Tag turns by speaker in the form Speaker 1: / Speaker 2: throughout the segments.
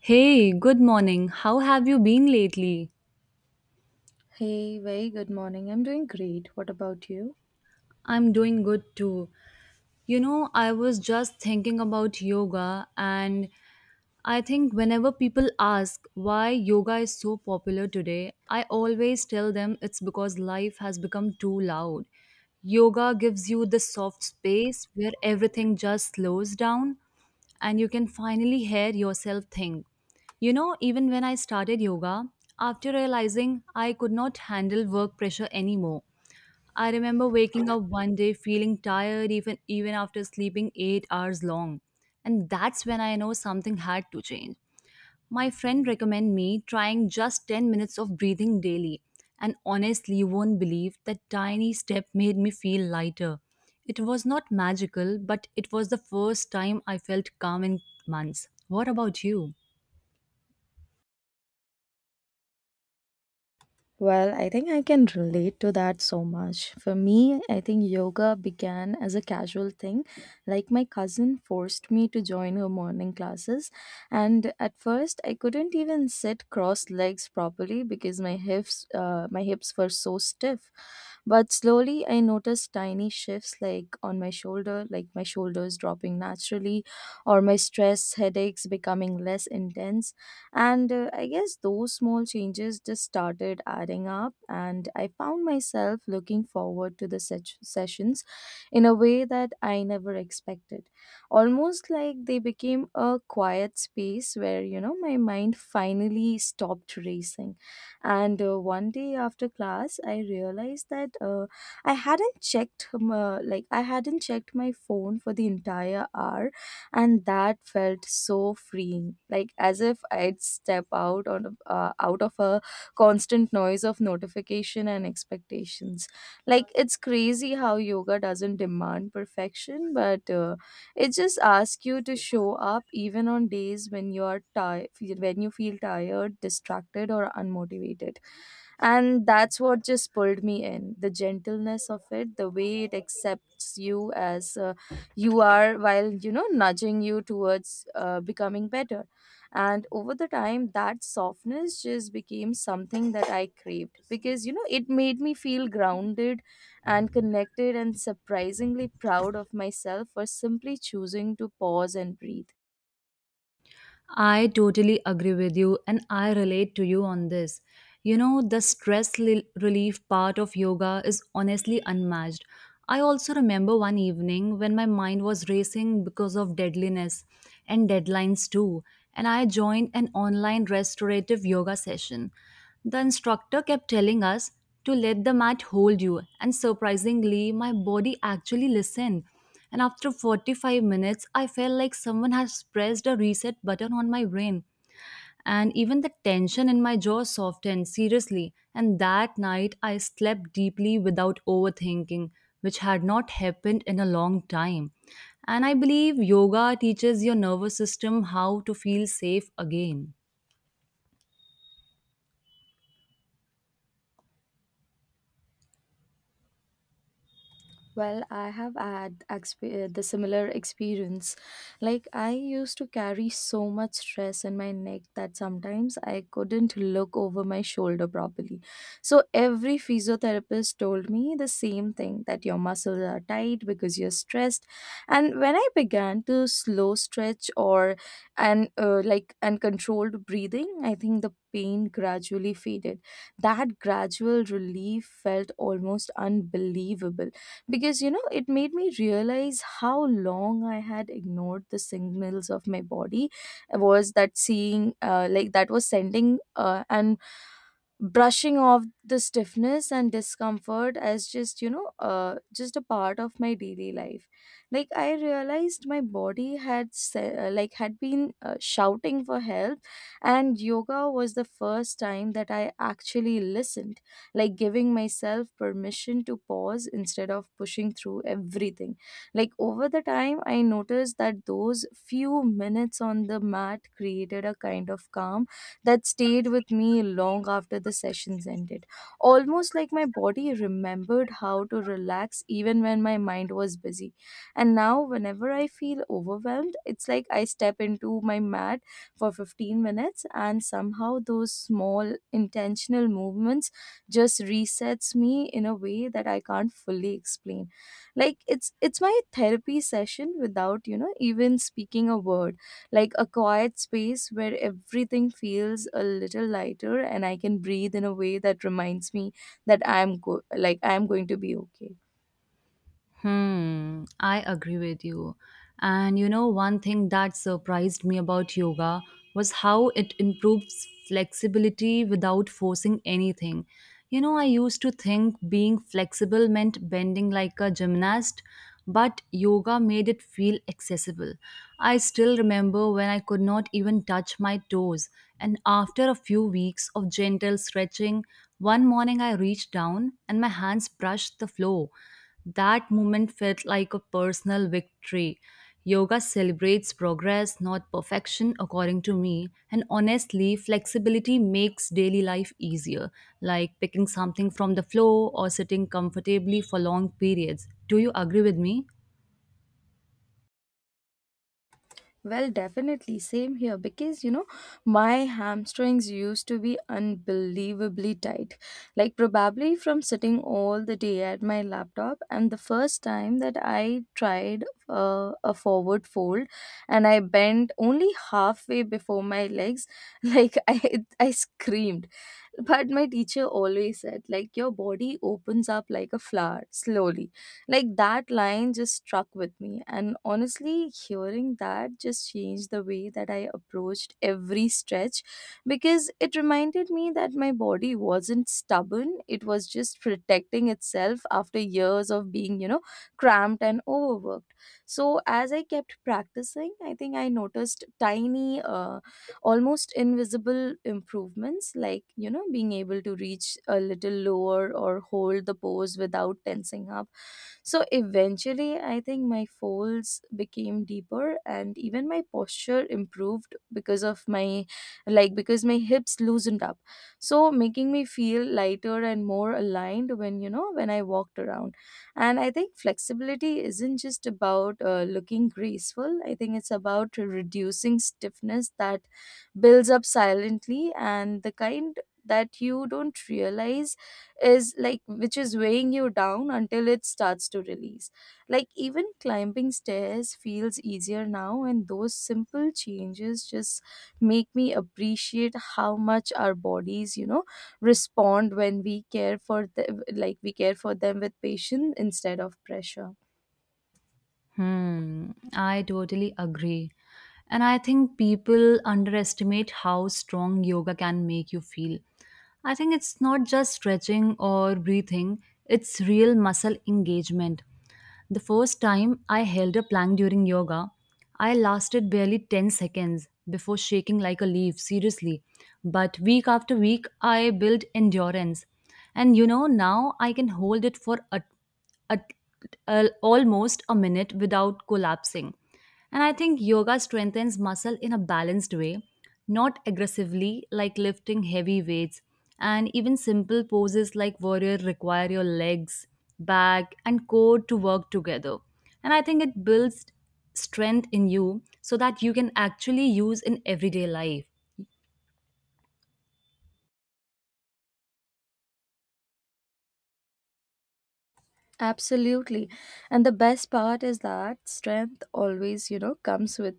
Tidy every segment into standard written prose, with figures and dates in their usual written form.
Speaker 1: Hey, good morning. How have you been lately?
Speaker 2: Hey, very good morning. I'm doing great. What about you?
Speaker 1: I'm doing good too. You know, I was just thinking about yoga, and I think whenever people ask why yoga is so popular today, I always tell them it's because life has become too loud. Yoga gives you the soft space where everything just slows down and you can finally hear yourself think. You know, even when I started yoga, after realizing I could not handle work pressure anymore, I remember waking up one day feeling tired even after sleeping 8 hours long. And that's when I know something had to change. My friend recommended me trying just 10 minutes of breathing daily, and honestly, you won't believe that tiny step made me feel lighter. It was not magical, but it was the first time I felt calm in months. What about you?
Speaker 2: Well, I think I can relate to that so much. For me, I think yoga began as a casual thing. Like my cousin forced me to join her morning classes, and at first I couldn't even sit crossed legs properly because my hips were so stiff. But slowly I noticed tiny shifts like on my shoulder, like my shoulders dropping naturally or my stress headaches becoming less intense. And I guess those small changes just started adding up, and I found myself looking forward to the sessions in a way that I never expected. Almost like they became a quiet space where, you know, my mind finally stopped racing. And One day after class, I realized that I hadn't I hadn't checked my phone for the entire hour, and that felt so freeing, like as if I'd step out out of a constant noise of notification and expectations. Like it's crazy how yoga doesn't demand perfection, but it just asks you to show up even on days when you are tired, when you feel tired, distracted or unmotivated. And that's what just pulled me in, the gentleness of it, the way it accepts you as you are while, you know, nudging you towards becoming better. And over the time, that softness just became something that I craved, because, you know, it made me feel grounded and connected and surprisingly proud of myself for simply choosing to pause and breathe.
Speaker 1: I totally agree with you and I relate to you on this. You know, the stress relief part of yoga is honestly unmatched. I also remember one evening when my mind was racing because of deadliness and deadlines too, and I joined an online restorative yoga session. The instructor kept telling us to let the mat hold you, and surprisingly, my body actually listened. And after 45 minutes, I felt like someone has pressed a reset button on my brain. And even the tension in my jaw softened, seriously. And that night, I slept deeply without overthinking, which had not happened in a long time. And I believe yoga teaches your nervous system how to feel safe again.
Speaker 2: Well, I have had the similar experience. Like, I used to carry so much stress in my neck that sometimes I couldn't look over my shoulder properly. So, every physiotherapist told me the same thing, that your muscles are tight because you're stressed. And when I began to slow stretch or and controlled breathing, I think the pain gradually faded. That gradual relief felt almost unbelievable, because, you know, it made me realize how long I had ignored the signals of my body was that seeing like that was sending and brushing off the stiffness and discomfort as just, you know, just a part of my daily life. Like I realized my body had had been, shouting for help, and yoga was the first time that I actually listened, like giving myself permission to pause instead of pushing through everything. Like over the time, I noticed that those few minutes on the mat created a kind of calm that stayed with me long after the sessions ended. Almost like my body remembered how to relax even when my mind was busy. And now, whenever I feel overwhelmed, it's like I step into my mat for 15 minutes, and somehow those small intentional movements just resets me in a way that I can't fully explain. Like it's my therapy session without, you know, even speaking a word. Like a quiet space where everything feels a little lighter and I can breathe in a way that reminds me that I'm go- like I'm going to be okay.
Speaker 1: Hmm, I agree with you. And you know, one thing that surprised me about yoga was how it improves flexibility without forcing anything. You know, I used to think being flexible meant bending like a gymnast, but yoga made it feel accessible. I still remember when I could not even touch my toes, and after a few weeks of gentle stretching, one morning I reached down and my hands brushed the floor. That moment felt like a personal victory. Yoga celebrates progress, not perfection, according to me. And honestly, flexibility makes daily life easier, like picking something from the floor or sitting comfortably for long periods. Do you agree with me?
Speaker 2: Well, definitely. Same here, because, you know, my hamstrings used to be unbelievably tight. Like, probably from sitting all the day at my laptop. And the first time that I tried a forward fold and I bent only halfway before my legs, like, I screamed. But my teacher always said, like, your body opens up like a flower, slowly. Like, that line just struck with me. And honestly, hearing that just changed the way that I approached every stretch, because it reminded me that my body wasn't stubborn. It was just protecting itself after years of being, you know, cramped and overworked. So, as I kept practicing, I think I noticed tiny, almost invisible improvements, like, you know, being able to reach a little lower or hold the pose without tensing up. So eventually, I think my folds became deeper and even my posture improved because of my like because my hips loosened up. So making me feel lighter and more aligned when, when I walked around. And I think flexibility isn't just about looking graceful. I think it's about reducing stiffness that builds up silently, and the kind that you don't realize is like which is weighing you down until it starts to release. Like even climbing stairs feels easier now, and those simple changes just make me appreciate how much our bodies, you know, respond when we care for them, like we care for them with patience instead of pressure.
Speaker 1: Hmm, I totally agree. And I think people underestimate how strong yoga can make you feel. I think it's not just stretching or breathing, it's real muscle engagement. The first time I held a plank during yoga, I lasted barely 10 seconds before shaking like a leaf, seriously. But week after week, I built endurance. And you know, now I can hold it for a, almost a minute without collapsing. And I think yoga strengthens muscle in a balanced way, not aggressively like lifting heavy weights. And even simple poses like warrior require your legs, back, and core to work together. And I think it builds strength in you so that you can actually use in everyday life.
Speaker 2: Absolutely. And the best part is that strength always, you know, comes with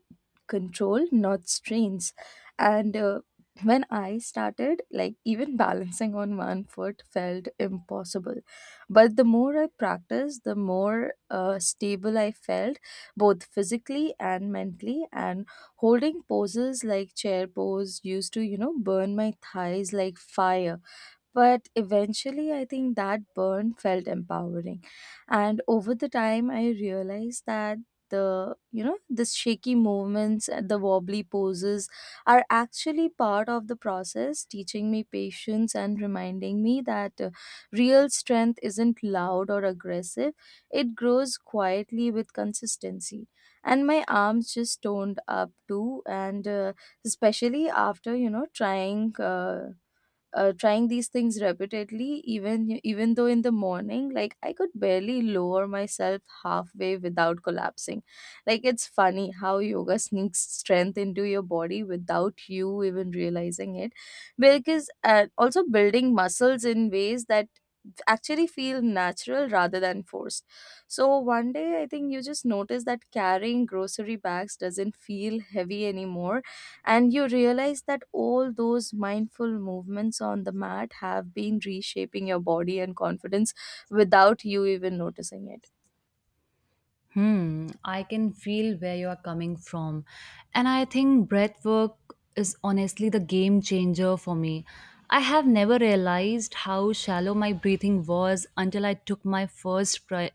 Speaker 2: control, not strains. And When I started, like even balancing on one foot felt impossible. But the more I practiced, the more stable I felt, both physically and mentally. And holding poses like chair pose used to, you know, burn my thighs like fire, but eventually, I think that burn felt empowering. And over the time, I realized that the you know the shaky movements and the wobbly poses are actually part of the process, teaching me patience and reminding me that real strength isn't loud or aggressive. It grows quietly with consistency. And my arms just toned up too, and especially after, you know, trying these things repeatedly, even even though in the morning, like I could barely lower myself halfway without collapsing. Like it's funny how yoga sneaks strength into your body without you even realizing it, because also building muscles in ways that actually feel natural rather than forced. So one day I think you just notice that carrying grocery bags doesn't feel heavy anymore, and you realize that all those mindful movements on the mat have been reshaping your body and confidence without you even noticing it.
Speaker 1: Hmm, I can feel where you are coming from. And I think breathwork is honestly the game changer for me. I have never realized how shallow my breathing was until I took my first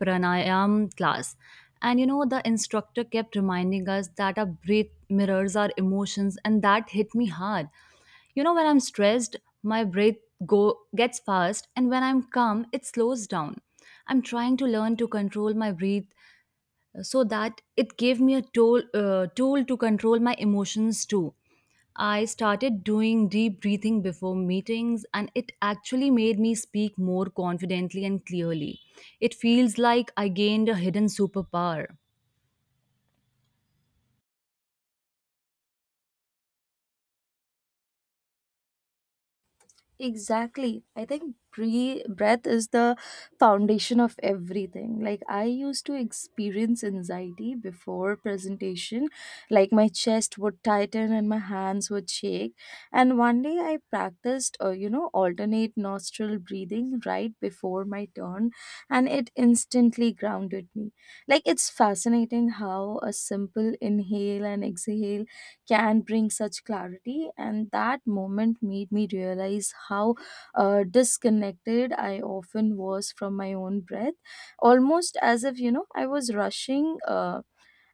Speaker 1: pranayam class. And you know, the instructor kept reminding us that our breath mirrors our emotions, and that hit me hard. You know, when I'm stressed, my breath go gets fast, and when I'm calm, it slows down. I'm trying to learn to control my breath so that it gave me a tool, tool to control my emotions too. I started doing deep breathing before meetings, and it actually made me speak more confidently and clearly. It feels like I gained a hidden superpower.
Speaker 2: Exactly. I think breath is the foundation of everything. Like, I used to experience anxiety before presentation. Like, my chest would tighten and my hands would shake. And one day I practiced, you know, alternate nostril breathing right before my turn, and it instantly grounded me. Like, it's fascinating how a simple inhale and exhale can bring such clarity. And that moment made me realize how disconnected I often was from my own breath, almost as if, you know, I was rushing.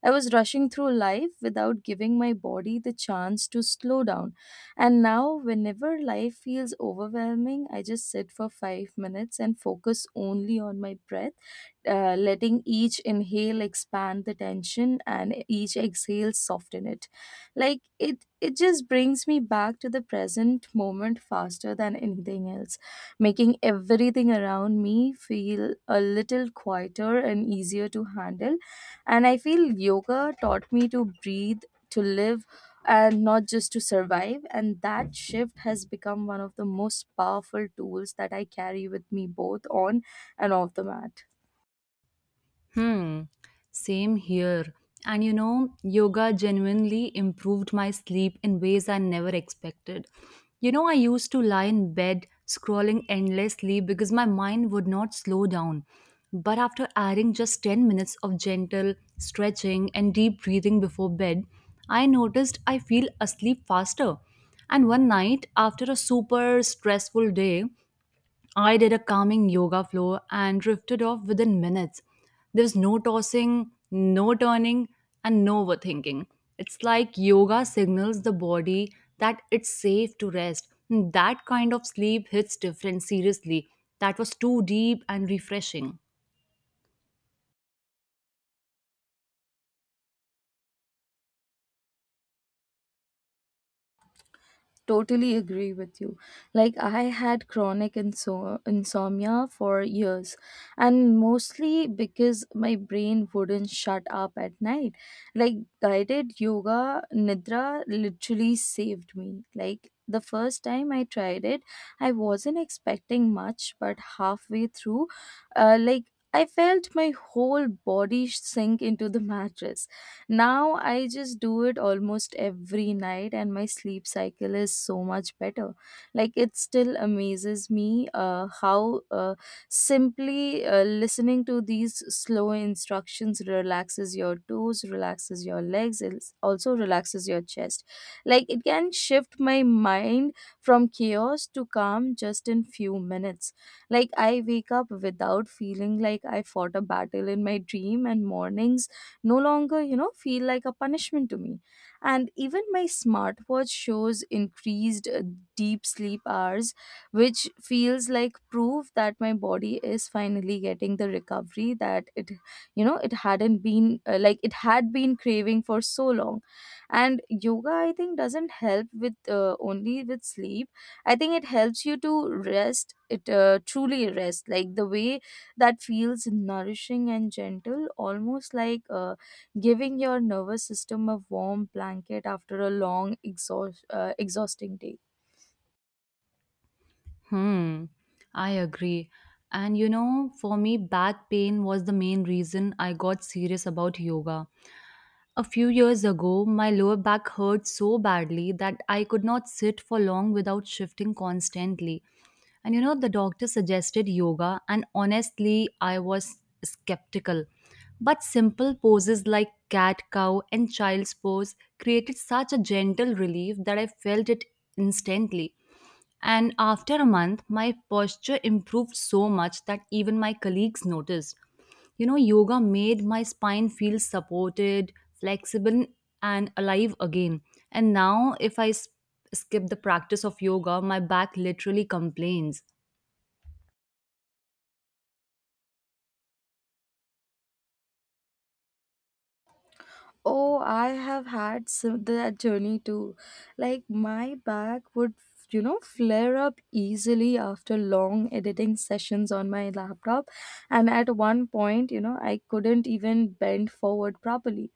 Speaker 2: I was rushing through life without giving my body the chance to slow down. And now, whenever life feels overwhelming, I just sit for five minutes and focus only on my breath, letting each inhale expand the tension and each exhale soften it. Like it just brings me back to the present moment faster than anything else, making everything around me feel a little quieter and easier to handle. And I feel yoga taught me to breathe, to live, and not just to survive. And that shift has become one of the most powerful tools that I carry with me both on and off the mat.
Speaker 1: Hmm, same here. And you know, yoga genuinely improved my sleep in ways I never expected. You know, I used to lie in bed scrolling endlessly because my mind would not slow down. But after adding just 10 minutes of gentle stretching and deep breathing before bed, I noticed I feel asleep faster. And one night, after a super stressful day, I did a calming yoga flow and drifted off within minutes. There was no tossing, no turning, and no overthinking. It's like yoga signals the body that it's safe to rest. And that kind of sleep hits different, seriously. That was too deep and refreshing.
Speaker 2: Totally agree with you. Like I had chronic insomnia for years, and mostly because my brain wouldn't shut up at night. Like, guided yoga nidra literally saved me. Like the first time I tried it, I wasn't expecting much, but halfway through, uh, like I felt my whole body sink into the mattress. Now I just do it almost every night, and my sleep cycle is so much better. Like it still amazes me how simply listening to these slow instructions relaxes your toes, relaxes your legs, it also relaxes your chest. Like it can shift my mind from chaos to calm just in few minutes. Like I wake up without feeling like I fought a battle in my dream, and mornings no longer, you know, feel like a punishment to me. And even my smartwatch shows increased deep sleep hours, which feels like proof that my body is finally getting the recovery that it, you know, it hadn't been like it had been craving for so long. And yoga, I think, doesn't help with only with sleep. I think it helps you to rest. It Truly rest, like the way that feels nourishing and gentle, almost like giving your nervous system a warm blanket after a long, exhausting day.
Speaker 1: Hmm, I agree. And you know, for me, back pain was the main reason I got serious about yoga. A few years ago, my lower back hurt so badly that I could not sit for long without shifting constantly. And you know, the doctor suggested yoga, and honestly, I was skeptical. But simple poses like cat cow and child's pose created such a gentle relief that I felt it instantly. And after a month, my posture improved so much that even my colleagues noticed. You know, yoga made my spine feel supported, flexible, and alive again. And now, if I skip the practice of yoga, my back literally complains.
Speaker 2: Oh, I have had some, that journey too. Like my back would, you know, flare up easily after long editing sessions on my laptop, and at one point, you know, I couldn't even bend forward properly.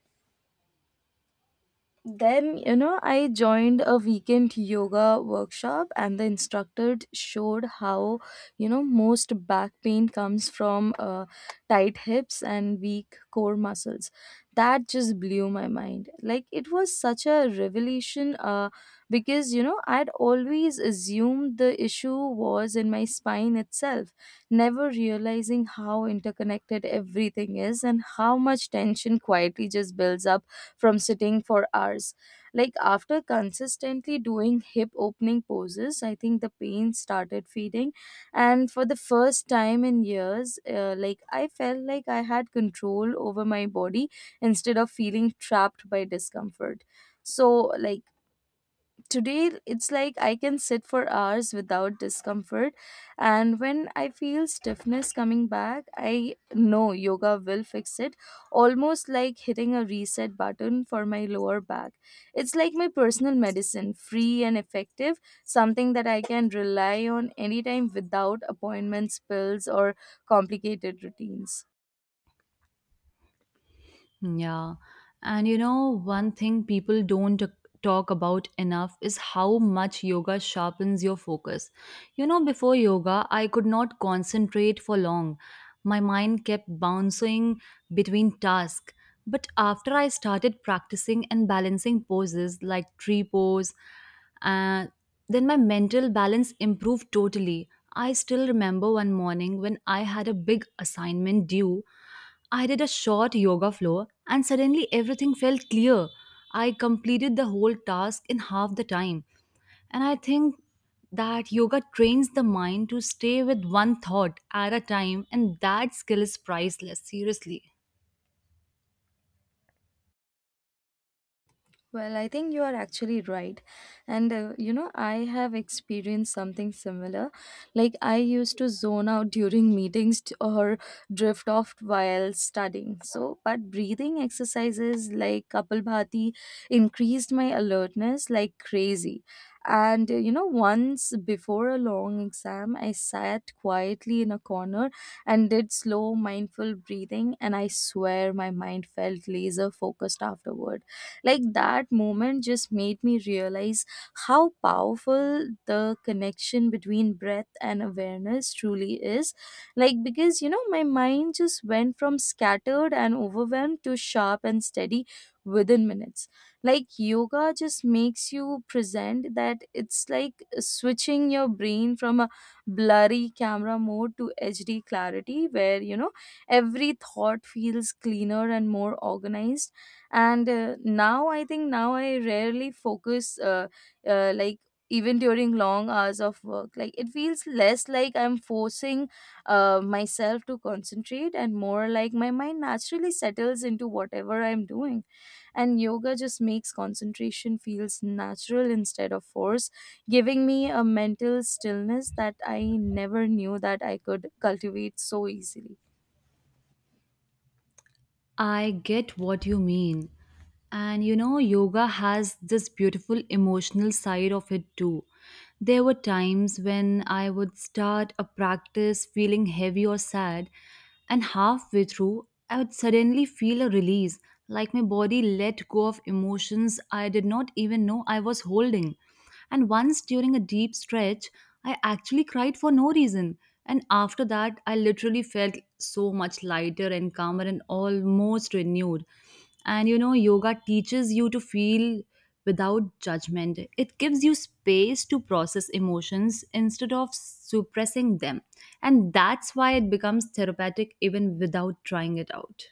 Speaker 2: Then, you know, I joined a weekend yoga workshop, and the instructor showed how, you know, most back pain comes from tight hips and weak core muscles. That just blew my mind. Like, it was such a revelation because, you know, I'd always assumed the issue was in my spine itself, never realizing how interconnected everything is and how much tension quietly just builds up from sitting for hours. Like after consistently doing hip opening poses, I think the pain started fading, and for the first time in years, like I felt like I had control over my body instead of feeling trapped by discomfort. So, like, today it's like I can sit for hours without discomfort, and when I feel stiffness coming back, I know yoga will fix it, almost like hitting a reset button for my lower back. It's like my personal medicine, free and effective, something that I can rely on anytime without appointments, pills, or complicated routines.
Speaker 1: Yeah. And you know, one thing people don't talk about enough is how much yoga sharpens your focus. You know, before yoga, I could not concentrate for long. My mind kept bouncing between tasks. But after I started practicing and balancing poses like tree pose, uh, then my mental balance improved totally. I still remember one morning when I had a big assignment due. I did a short yoga floor and suddenly everything felt clear. I completed the whole task in half the time. And I think that yoga trains the mind to stay with one thought at a time, and that skill is priceless, seriously.
Speaker 2: Well, I think you are actually right. And you know, I have experienced something similar. Like, I used to zone out during meetings or drift off while studying. So, but breathing exercises like Kapalbhati increased my alertness like crazy. And you know, once before a long exam, I sat quietly in a corner and did slow, mindful breathing. And I swear my mind felt laser focused afterward, like that moment just made me realize how powerful the connection between breath and awareness truly is. Like, because you know, my mind just went from scattered and overwhelmed to sharp and steady within minutes. Like, yoga just makes you present that it's like switching your brain from a blurry camera mode to HD clarity, where you know every thought feels cleaner and more organized. And Now I rarely focus like, even during long hours of work, like it feels less like I'm forcing myself to concentrate, and more like my mind naturally settles into whatever I'm doing. And yoga just makes concentration feels natural instead of force, giving me a mental stillness that I never knew that I could cultivate so easily.
Speaker 1: I get what you mean. And you know, yoga has this beautiful emotional side of it too. There were times when I would start a practice feeling heavy or sad, and halfway through, I would suddenly feel a release, like my body let go of emotions I did not even know I was holding. And once during a deep stretch, I actually cried for no reason. And after that, I literally felt so much lighter and calmer and almost renewed. And you know, yoga teaches you to feel without judgment. It gives you space to process emotions instead of suppressing them. And that's why it becomes therapeutic even without trying it out.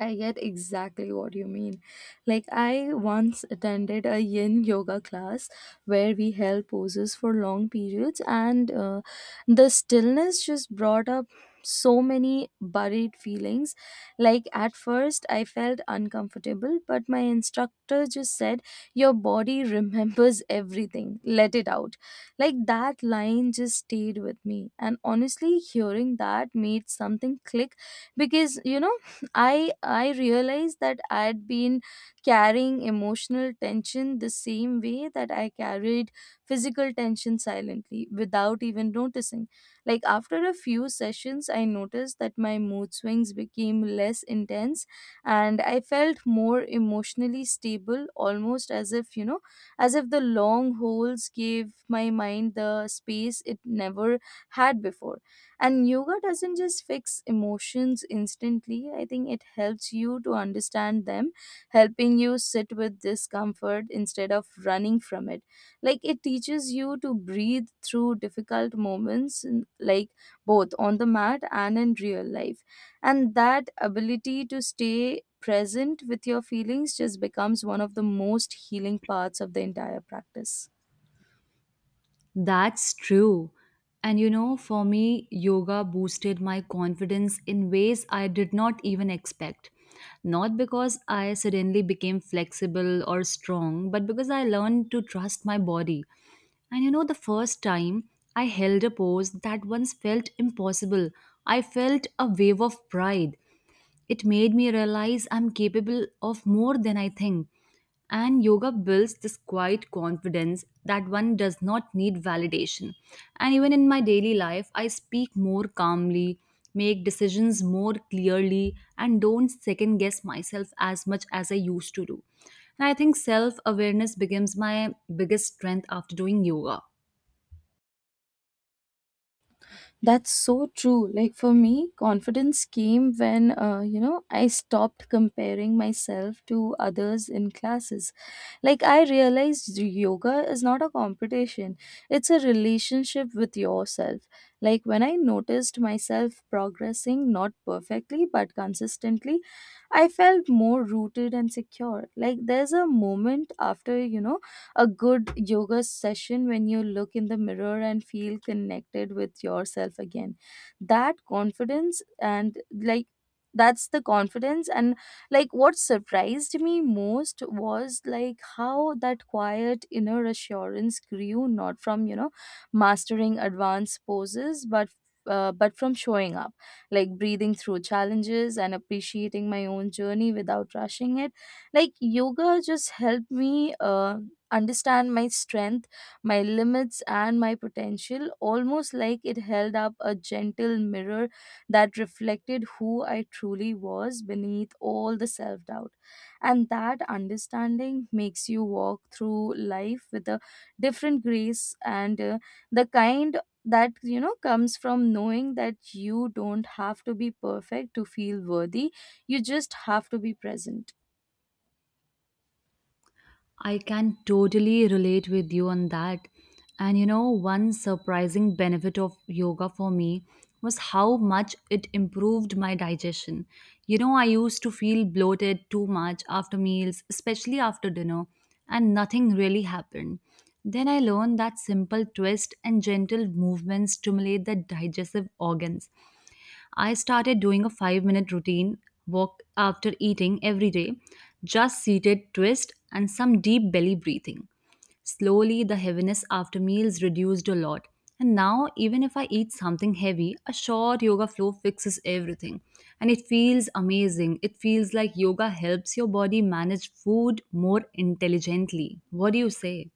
Speaker 2: I get exactly what you mean. Like, I once attended a yin yoga class where we held poses for long periods, and the stillness just brought up so many buried feelings. Like, at first, I felt uncomfortable, but my instructor just said, "Your body remembers everything, let it out." Like, that line just stayed with me. And honestly, hearing that made something click, because you know, I realized that I had been carrying emotional tension the same way that I carried physical tension, silently, without even noticing. Like after a few sessions, I noticed that my mood swings became less intense and I felt more emotionally stable, almost as if, you know, as if the long holes gave my mind the space it never had before. And yoga doesn't just fix emotions instantly, I think it helps you to understand them, helping you sit with discomfort instead of running from it. Like it teaches you to breathe through difficult moments, like both on the mat and in real life. And that ability to stay present with your feelings just becomes one of the most healing parts of the entire practice.
Speaker 1: That's true. And you know, for me, yoga boosted my confidence in ways I did not even expect. Not because I suddenly became flexible or strong, but because I learned to trust my body. And you know, the first time I held a pose that once felt impossible, I felt a wave of pride. It made me realize I'm capable of more than I think. And yoga builds this quiet confidence that one does not need validation. And even in my daily life, I speak more calmly, make decisions more clearly, and don't second guess myself as much as I used to do. And I think self awareness becomes my biggest strength after doing yoga.
Speaker 2: That's so true. Like for me, confidence came when, you know, I stopped comparing myself to others in classes. Like I realized yoga is not a competition, it's a relationship with yourself. Like when I noticed myself progressing, not perfectly, but consistently, I felt more rooted and secure. Like there's a moment after, you know, a good yoga session when you look in the mirror and feel connected with yourself again, that confidence and like that's the confidence. And like, what surprised me most was like how that quiet inner assurance grew not from you know mastering advanced poses, but from showing up, like breathing through challenges and appreciating my own journey without rushing it. Like yoga just helped me understand my strength, my limits, and my potential, almost like it held up a gentle mirror that reflected who I truly was beneath all the self doubt. And that understanding makes you walk through life with a different grace, and the kind that you know comes from knowing that you don't have to be perfect to feel worthy, you just have to be present.
Speaker 1: I can totally relate with you on that. And you know, one surprising benefit of yoga for me was how much it improved my digestion. You know, I used to feel bloated too much after meals, especially after dinner, and nothing really happened. Then I learned that simple twist and gentle movements stimulate the digestive organs. I started doing a 5 minute routine walk after eating every day, just seated twist and some deep belly breathing. Slowly, the heaviness after meals reduced a lot. And now, even if I eat something heavy, a short yoga flow fixes everything. And it feels amazing. It feels like yoga helps your body manage food more intelligently. What do you say?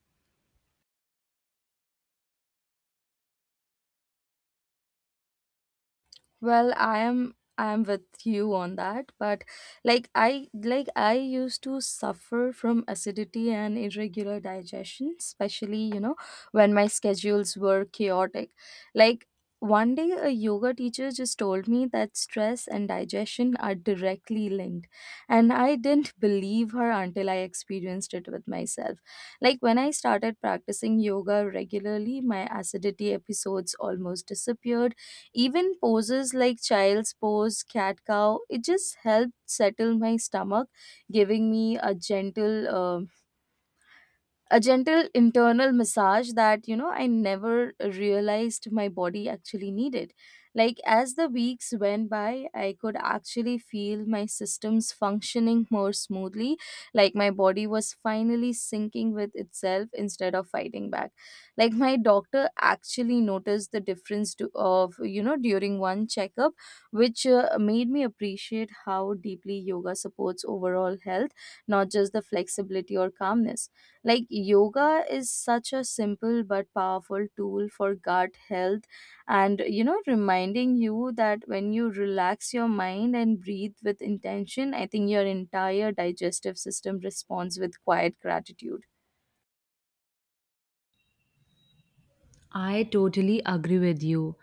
Speaker 2: Well, I am with you on that, but like I used to suffer from acidity and irregular digestion, especially, you know, when my schedules were chaotic. Like one day a yoga teacher just told me that stress and digestion are directly linked, and I didn't believe her until I experienced it with myself. Like when I started practicing yoga regularly, my acidity episodes almost disappeared. Even poses like child's pose, cat cow, it just helped settle my stomach, giving me a gentle. A gentle internal massage that you know I never realized my body actually needed. Like as the weeks went by, I could actually feel my systems functioning more smoothly, like my body was finally syncing with itself instead of fighting back. Like my doctor actually noticed the difference to, of you know, during one checkup, which made me appreciate how deeply yoga supports overall health, not just the flexibility or calmness. Like yoga is such a simple but powerful tool for gut health, and you know, reminding you that when you relax your mind and breathe with intention, I think your entire digestive system responds with quiet gratitude.
Speaker 1: I totally agree with you.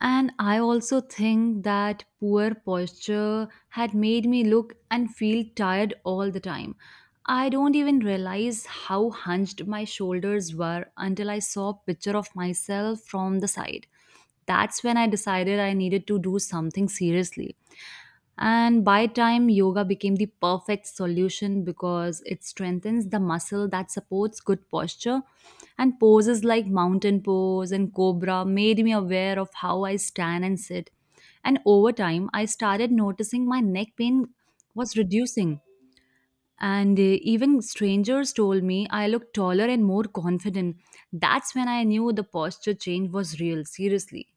Speaker 1: And I also think that poor posture had made me look and feel tired all the time. I don't even realize how hunched my shoulders were until I saw a picture of myself from the side. That's when I decided I needed to do something seriously. And by time yoga became the perfect solution because it strengthens the muscle that supports good posture and poses like mountain pose and cobra made me aware of how I stand and sit. And over time I started noticing my neck pain was reducing. And even strangers told me I looked taller and more confident. That's when I knew the posture change was real, seriously.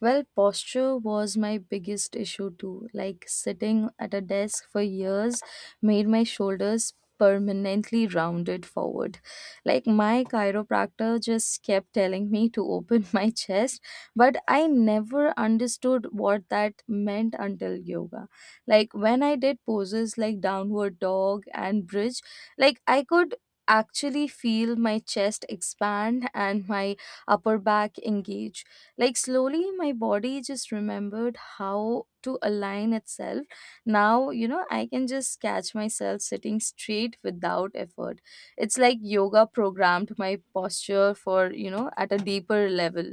Speaker 2: Well, posture was my biggest issue too. Like sitting at a desk for years made my shoulders permanently rounded forward. Like my chiropractor just kept telling me to open my chest, but I never understood what that meant until yoga. Like when I did poses like downward dog and bridge, like I could actually feel my chest expand and my upper back engage. Like slowly, my body just remembered how to align itself. Now, you know, I can just catch myself sitting straight without effort. It's like yoga programmed my posture for, you know, at a deeper level.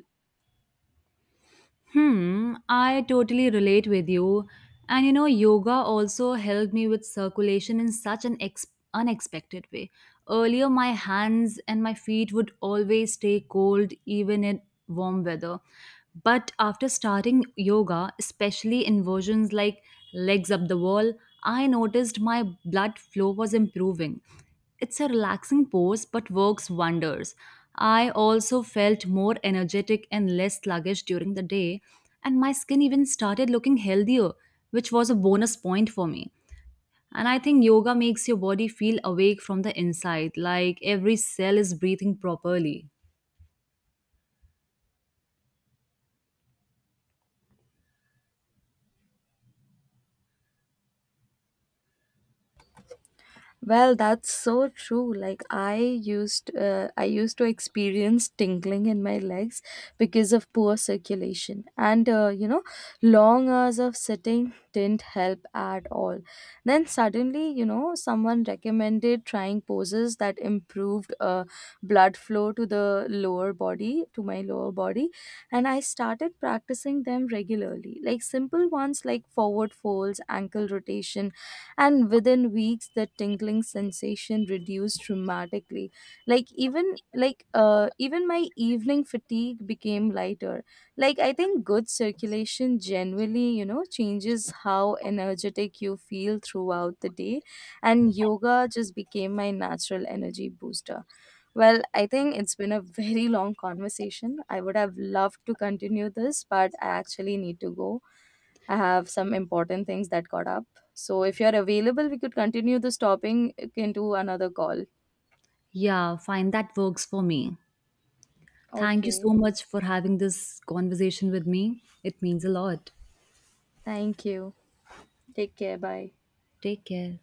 Speaker 1: Hmm, I totally relate with you. And you know, yoga also helped me with circulation in such an unexpected way. Earlier, my hands and my feet would always stay cold even in warm weather. But after starting yoga, especially inversions like legs up the wall, I noticed my blood flow was improving. It's a relaxing pose but works wonders. I also felt more energetic and less sluggish during the day, and my skin even started looking healthier, which was a bonus point for me. And I think yoga makes your body feel awake from the inside, like every cell is breathing properly.
Speaker 2: Well, that's so true. Like I used to experience tingling in my legs because of poor circulation, and you know, long hours of sitting didn't help at all. Then suddenly, you know, someone recommended trying poses that improved blood flow to the lower body, to my lower body, and I started practicing them regularly. Like simple ones like forward folds, ankle rotation, and within weeks the tingling sensation reduced dramatically. Like even even my evening fatigue became lighter. Like I think good circulation generally, you know, changes how energetic you feel throughout the day, and yoga just became my natural energy booster. Well, I think it's been a very long conversation. I would have loved to continue this, but I actually need to go. I have some important things that got up. So if you're available, we could continue this topic into another call.
Speaker 1: Yeah, fine, that works for me. Thank you so
Speaker 2: Okay.
Speaker 1: much for having this conversation with me. It means a lot.
Speaker 2: Thank you. Take care. Bye.
Speaker 1: Take care.